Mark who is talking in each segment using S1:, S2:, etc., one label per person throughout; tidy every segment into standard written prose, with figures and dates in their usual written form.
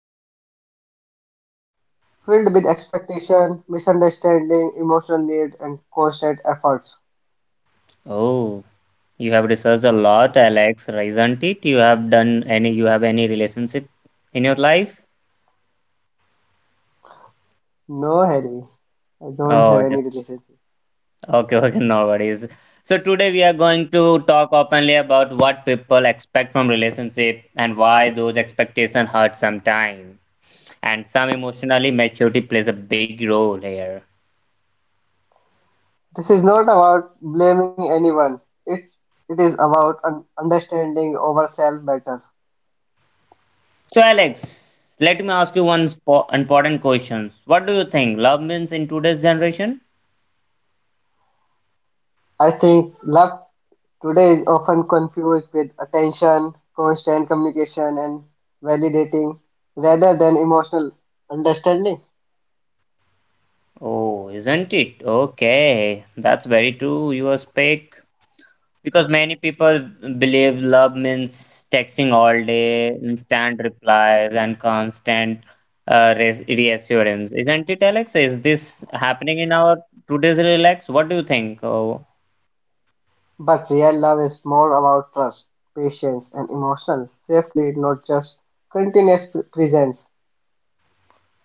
S1: are much more complex, filled with expectation, misunderstanding, emotional need, and constant efforts.
S2: Oh, you have researched a lot, Alex, isn't it? You have any relationship in your life?
S1: No, Harry, I don't have
S2: Oh,
S1: any
S2: just
S1: relationship.
S2: okay, no worries. So today we are going to talk openly about what people expect from relationship and why those expectations hurt sometimes. And some emotionally maturity plays a big role here.
S1: This is not about blaming anyone. It's it is about understanding ourselves better.
S2: So Alex, let me ask you one spo important question. What do you think love means in today's generation?
S1: I think love today is often confused with attention, constant communication, and validating rather than emotional understanding.
S2: Oh, isn't it? Okay, that's very true. You speak. Because many people believe love means texting all day, instant replies, and constant res reassurance. Isn't it, Alex? Is this happening in our today's relax? What do you think? Oh,
S1: But real love is more about trust, patience, and emotional safety, not just continuous presence.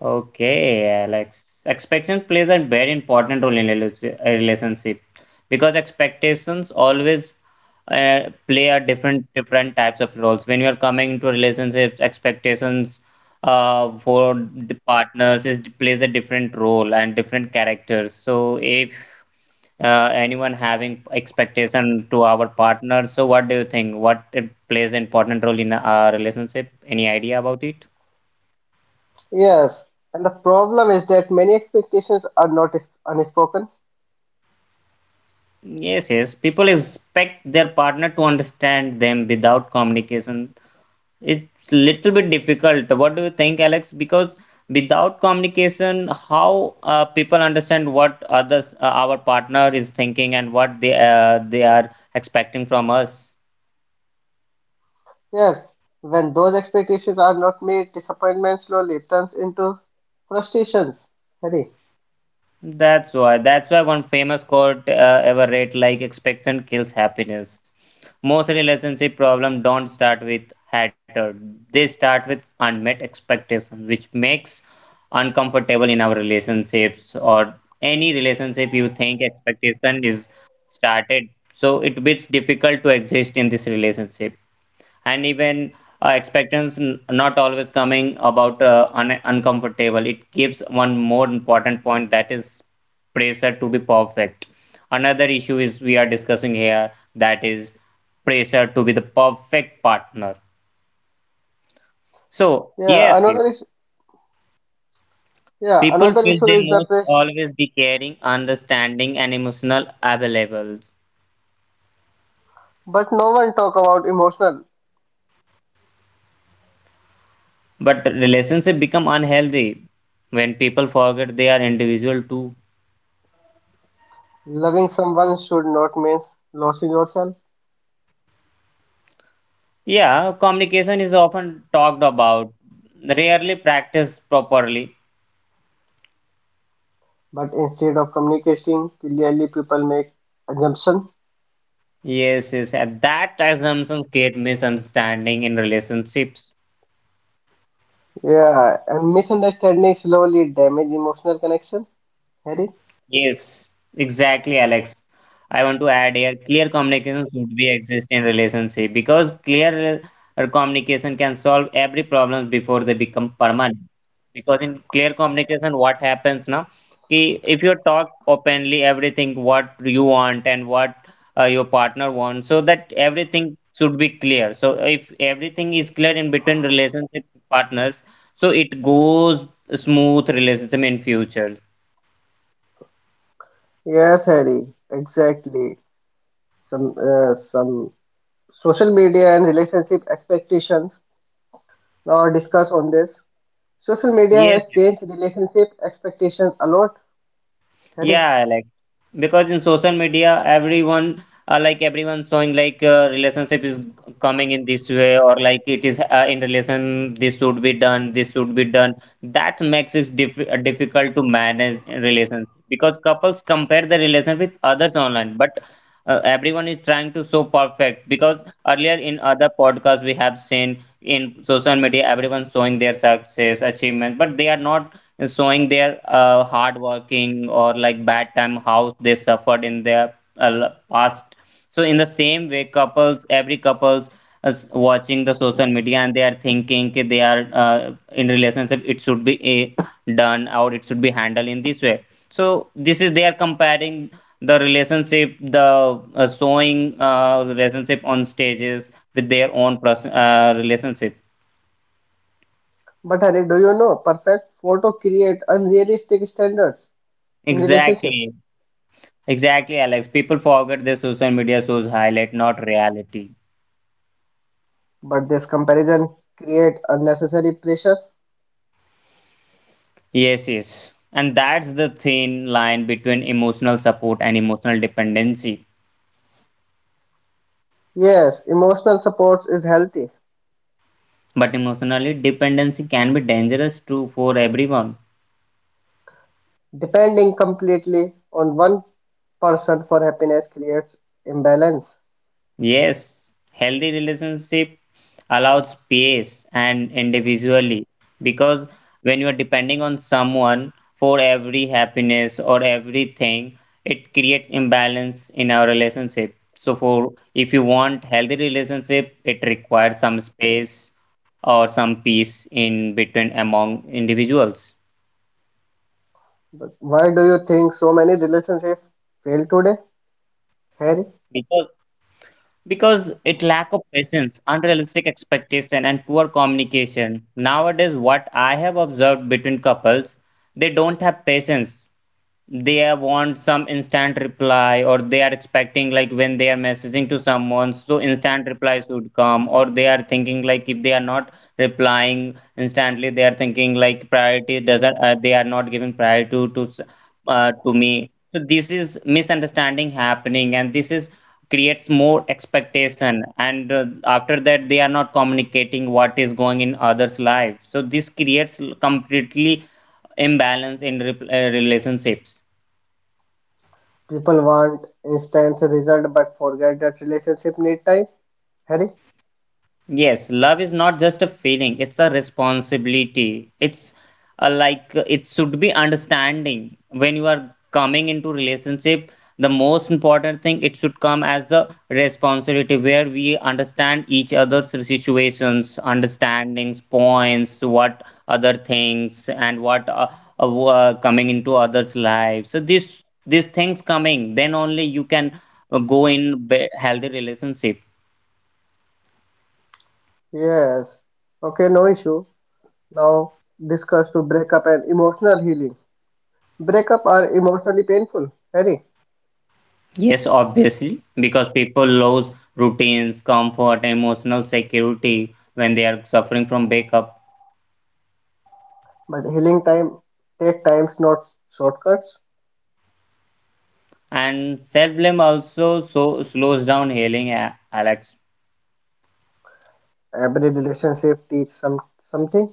S2: okay, Alex. Expectation plays a very important role in a relationship because expectations always uh, play a different types of roles. When you are coming into relationships, expectations for the partners is plays a different role and different characters. So if anyone having expectation to our partner, so what do you think? What it plays an important role in a relationship? Any idea about it?
S1: Yes, and the problem is that many expectations are not is- unspoken.
S2: Yes. People expect their partner to understand them without communication. It's little bit difficult. What do you think, Alex? Because without communication, how people understand what others, our partner is thinking and what they are expecting from us?
S1: Yes, when those expectations are not met, disappointment slowly turns into frustrations. Hurry.
S2: That's why one famous quote ever read like expectation kills happiness. Most relationship problem don't start with hatred. They start with unmet expectations, which makes uncomfortable in our relationships or any relationship you think expectation is started. So it becomes difficult to exist in this relationship and even expectations not always coming about uncomfortable it gives one more important point that is pressure to be perfect, another issue is we are discussing here that is pressure to be the perfect partner, so
S1: Yeah,
S2: yes,
S1: another is yeah,
S2: people
S1: another
S2: feel
S1: issue
S2: they
S1: is the
S2: must
S1: press.
S2: always be caring understanding and emotional available,
S1: But no one talk about emotional.
S2: but relationship become unhealthy when people forget they are individual too.
S1: Loving someone should not mean losing yourself,
S2: Yeah, communication is often talked about, rarely practiced properly.
S1: but instead of communicating clearly, people make assumption.
S2: Yes, and that assumptions create misunderstanding in relationships.
S1: Yeah, and misunderstanding slowly damage emotional connection. Harry?
S2: Yes, exactly, Alex. I want to add here clear communication should be exist in relationship because clear communication can solve every problem before they become permanent. Because in clear communication, what happens now? Ki if you talk openly everything what you want and what your partner wants, so that everything should be clear. So if everything is clear in between relationship partners, so it goes smooth relationship in future.
S1: Yes, Harry. Exactly. Some some social media and relationship expectations or discuss on this. Social media has
S2: Yes.
S1: changed relationship expectations a lot, Harry.
S2: Yeah, like because in social media, everyone like everyone showing like relationship is coming in this way or like it is in relation, this should be done, this should be done. That makes it difficult to manage relations because couples compare the relation with others online, but everyone is trying to show perfect because earlier in other podcasts we have seen in social media everyone showing their success achievement, but they are not showing their hard working or like bad time how they suffered in their past. So in the same way couples every couples is watching the social media and they are thinking ki they are in relationship it should be done or it should be handled in this way, so this is they are comparing the relationship the showing relationship on stages with their own relationship.
S1: But Harry, do you know perfect photo create unrealistic standards in relationship?
S2: exactly Exactly, Alex. People forget their social media shows highlight, not reality.
S1: But this comparison create unnecessary pressure.
S2: Yes. And that's the thin line between emotional support and emotional dependency.
S1: Yes, emotional support is healthy.
S2: But emotionally dependency can be dangerous too for everyone.
S1: Depending completely on one person for happiness creates imbalance.
S2: Yes, healthy relationship allows space and individually because when you are depending on someone for every happiness or everything, it creates imbalance in our relationship. So for if you want healthy relationship, it requires some space or some peace in between among individuals,
S1: But why do you think so many relationships fail today, Harry?
S2: because because it lack of patience unrealistic expectation and poor communication. Nowadays what I have observed between couples, they don't have patience, want some instant reply or they are expecting like when they are messaging to someone, so instant reply should come or they are thinking like if they are not replying instantly they are thinking like priority doesn't they are not giving priority to me. So this is misunderstanding happening and this is creates more expectation and after that they are not communicating what is going in others life, so this creates completely imbalance in relationships.
S1: People want instant result but forget that relationship need time. Harry?
S2: Yes, love is not just a feeling, it's a responsibility. It's a, it should be understanding. When you are coming into relationship, the most important thing it should come as the responsibility where we understand each other's situations, understandings, points, what other things and what coming into others' lives. So this these things coming, then only you can healthy relationship.
S1: Yes. Okay, no issue. Now discuss to breakup and emotional healing. Breakup are emotionally painful, Harry.
S2: Yes, obviously, because people lose routines, comfort, emotional security when they are suffering from breakup.
S1: But healing time take times not shortcuts.
S2: And self blame also so slows down healing, Alex.
S1: Every relationship teach some something.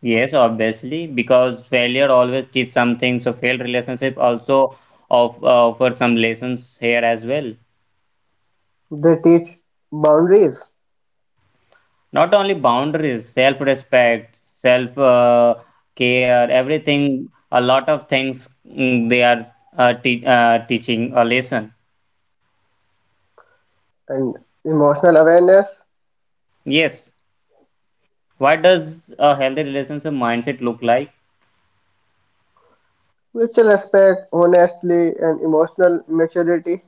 S2: Yes, obviously, because failure always teaches something. So failed relationship also of offer some lessons here as well.
S1: They teach boundaries
S2: Not only boundaries, self respect, self care, everything. A lot of things mm, they are teaching a lesson.
S1: and emotional awareness,
S2: Yes. What does a healthy relationship mindset look like?
S1: mutual respect, honestly and emotional maturity.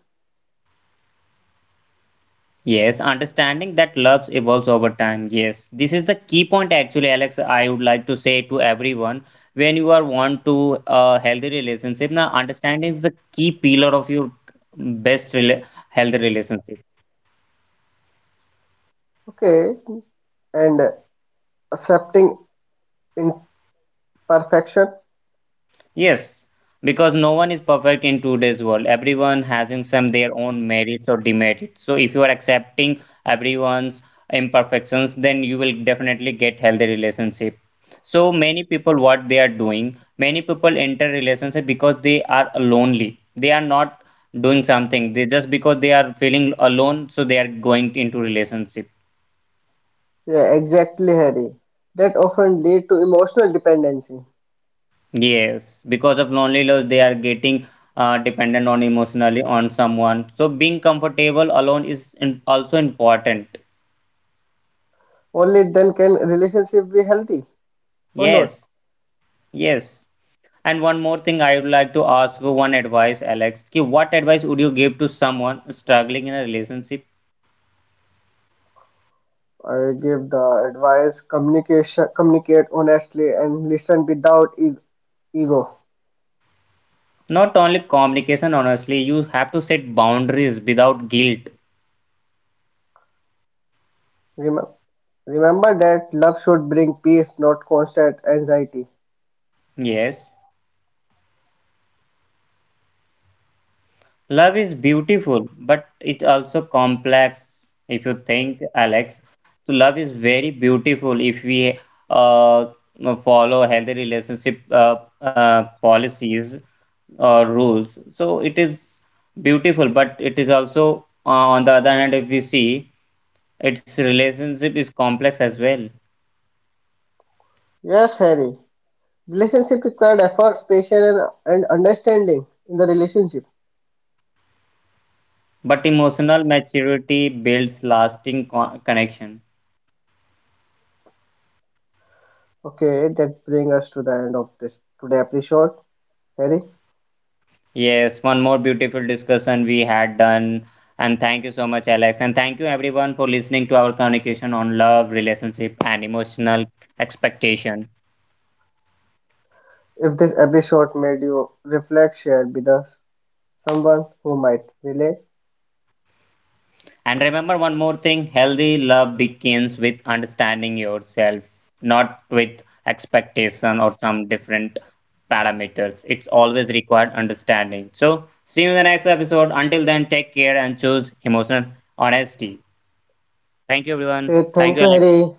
S2: Yes, understanding that love evolves over time. Yes, this is the key point actually, Alex. I would like to say to everyone when you are want to a healthy relationship. Now, understanding is the key pillar of your best rela- healthy relationship.
S1: Okay. And accepting in. Perfection?
S2: Yes, because no one is perfect in today's world. Everyone has in some their own merits or demerits. So if you are accepting everyone's imperfections, then you will definitely get healthy relationship. So many people what they are doing, many people enter relationship because they are lonely. They are not doing something. They just because they are feeling alone, so they are going into relationship.
S1: Yeah, exactly, Harry. That often lead to emotional dependency.
S2: Yes, because of lonely loneliness, they are getting dependent on emotionally on someone. So being comfortable alone is in, also important.
S1: Only then can relationship be healthy or not.
S2: Yes, yes. And one more thing, I would like to ask you one advice, Alex. Ki what advice would you give to someone struggling in a relationship?
S1: I give the advice, communication, communicate honestly and listen without ego.
S2: Not only communication, honestly, you have to set boundaries without guilt.
S1: Remember, remember that love should bring peace, not constant anxiety.
S2: Yes. Love is beautiful, but it's also complex. If you think, Alex, so love is very beautiful if we uh, follow healthy relationship policies or rules. So it is beautiful, but it is also on the other hand, if we see, its relationship is complex as well.
S1: Yes, Harry. Relationship required efforts, patience, and understanding in the relationship.
S2: But emotional maturity builds lasting connection.
S1: Okay, that brings us to the end of this today episode, Harry.
S2: Yes, one more beautiful discussion we had done. And thank you so much, Alex. And thank you, everyone, for listening to our communication on love, relationship, and emotional expectation.
S1: If this episode made you reflect, share with us someone who might relate.
S2: And remember one more thing, healthy love begins with understanding yourself, not with expectation or some different parameters. It's always required understanding. So, see you in the next episode. Until then, take care and choose emotional honesty. Thank you, everyone.
S1: Okay,
S2: Thank
S1: thank
S2: you,
S1: you,
S2: Alex.
S1: Harry.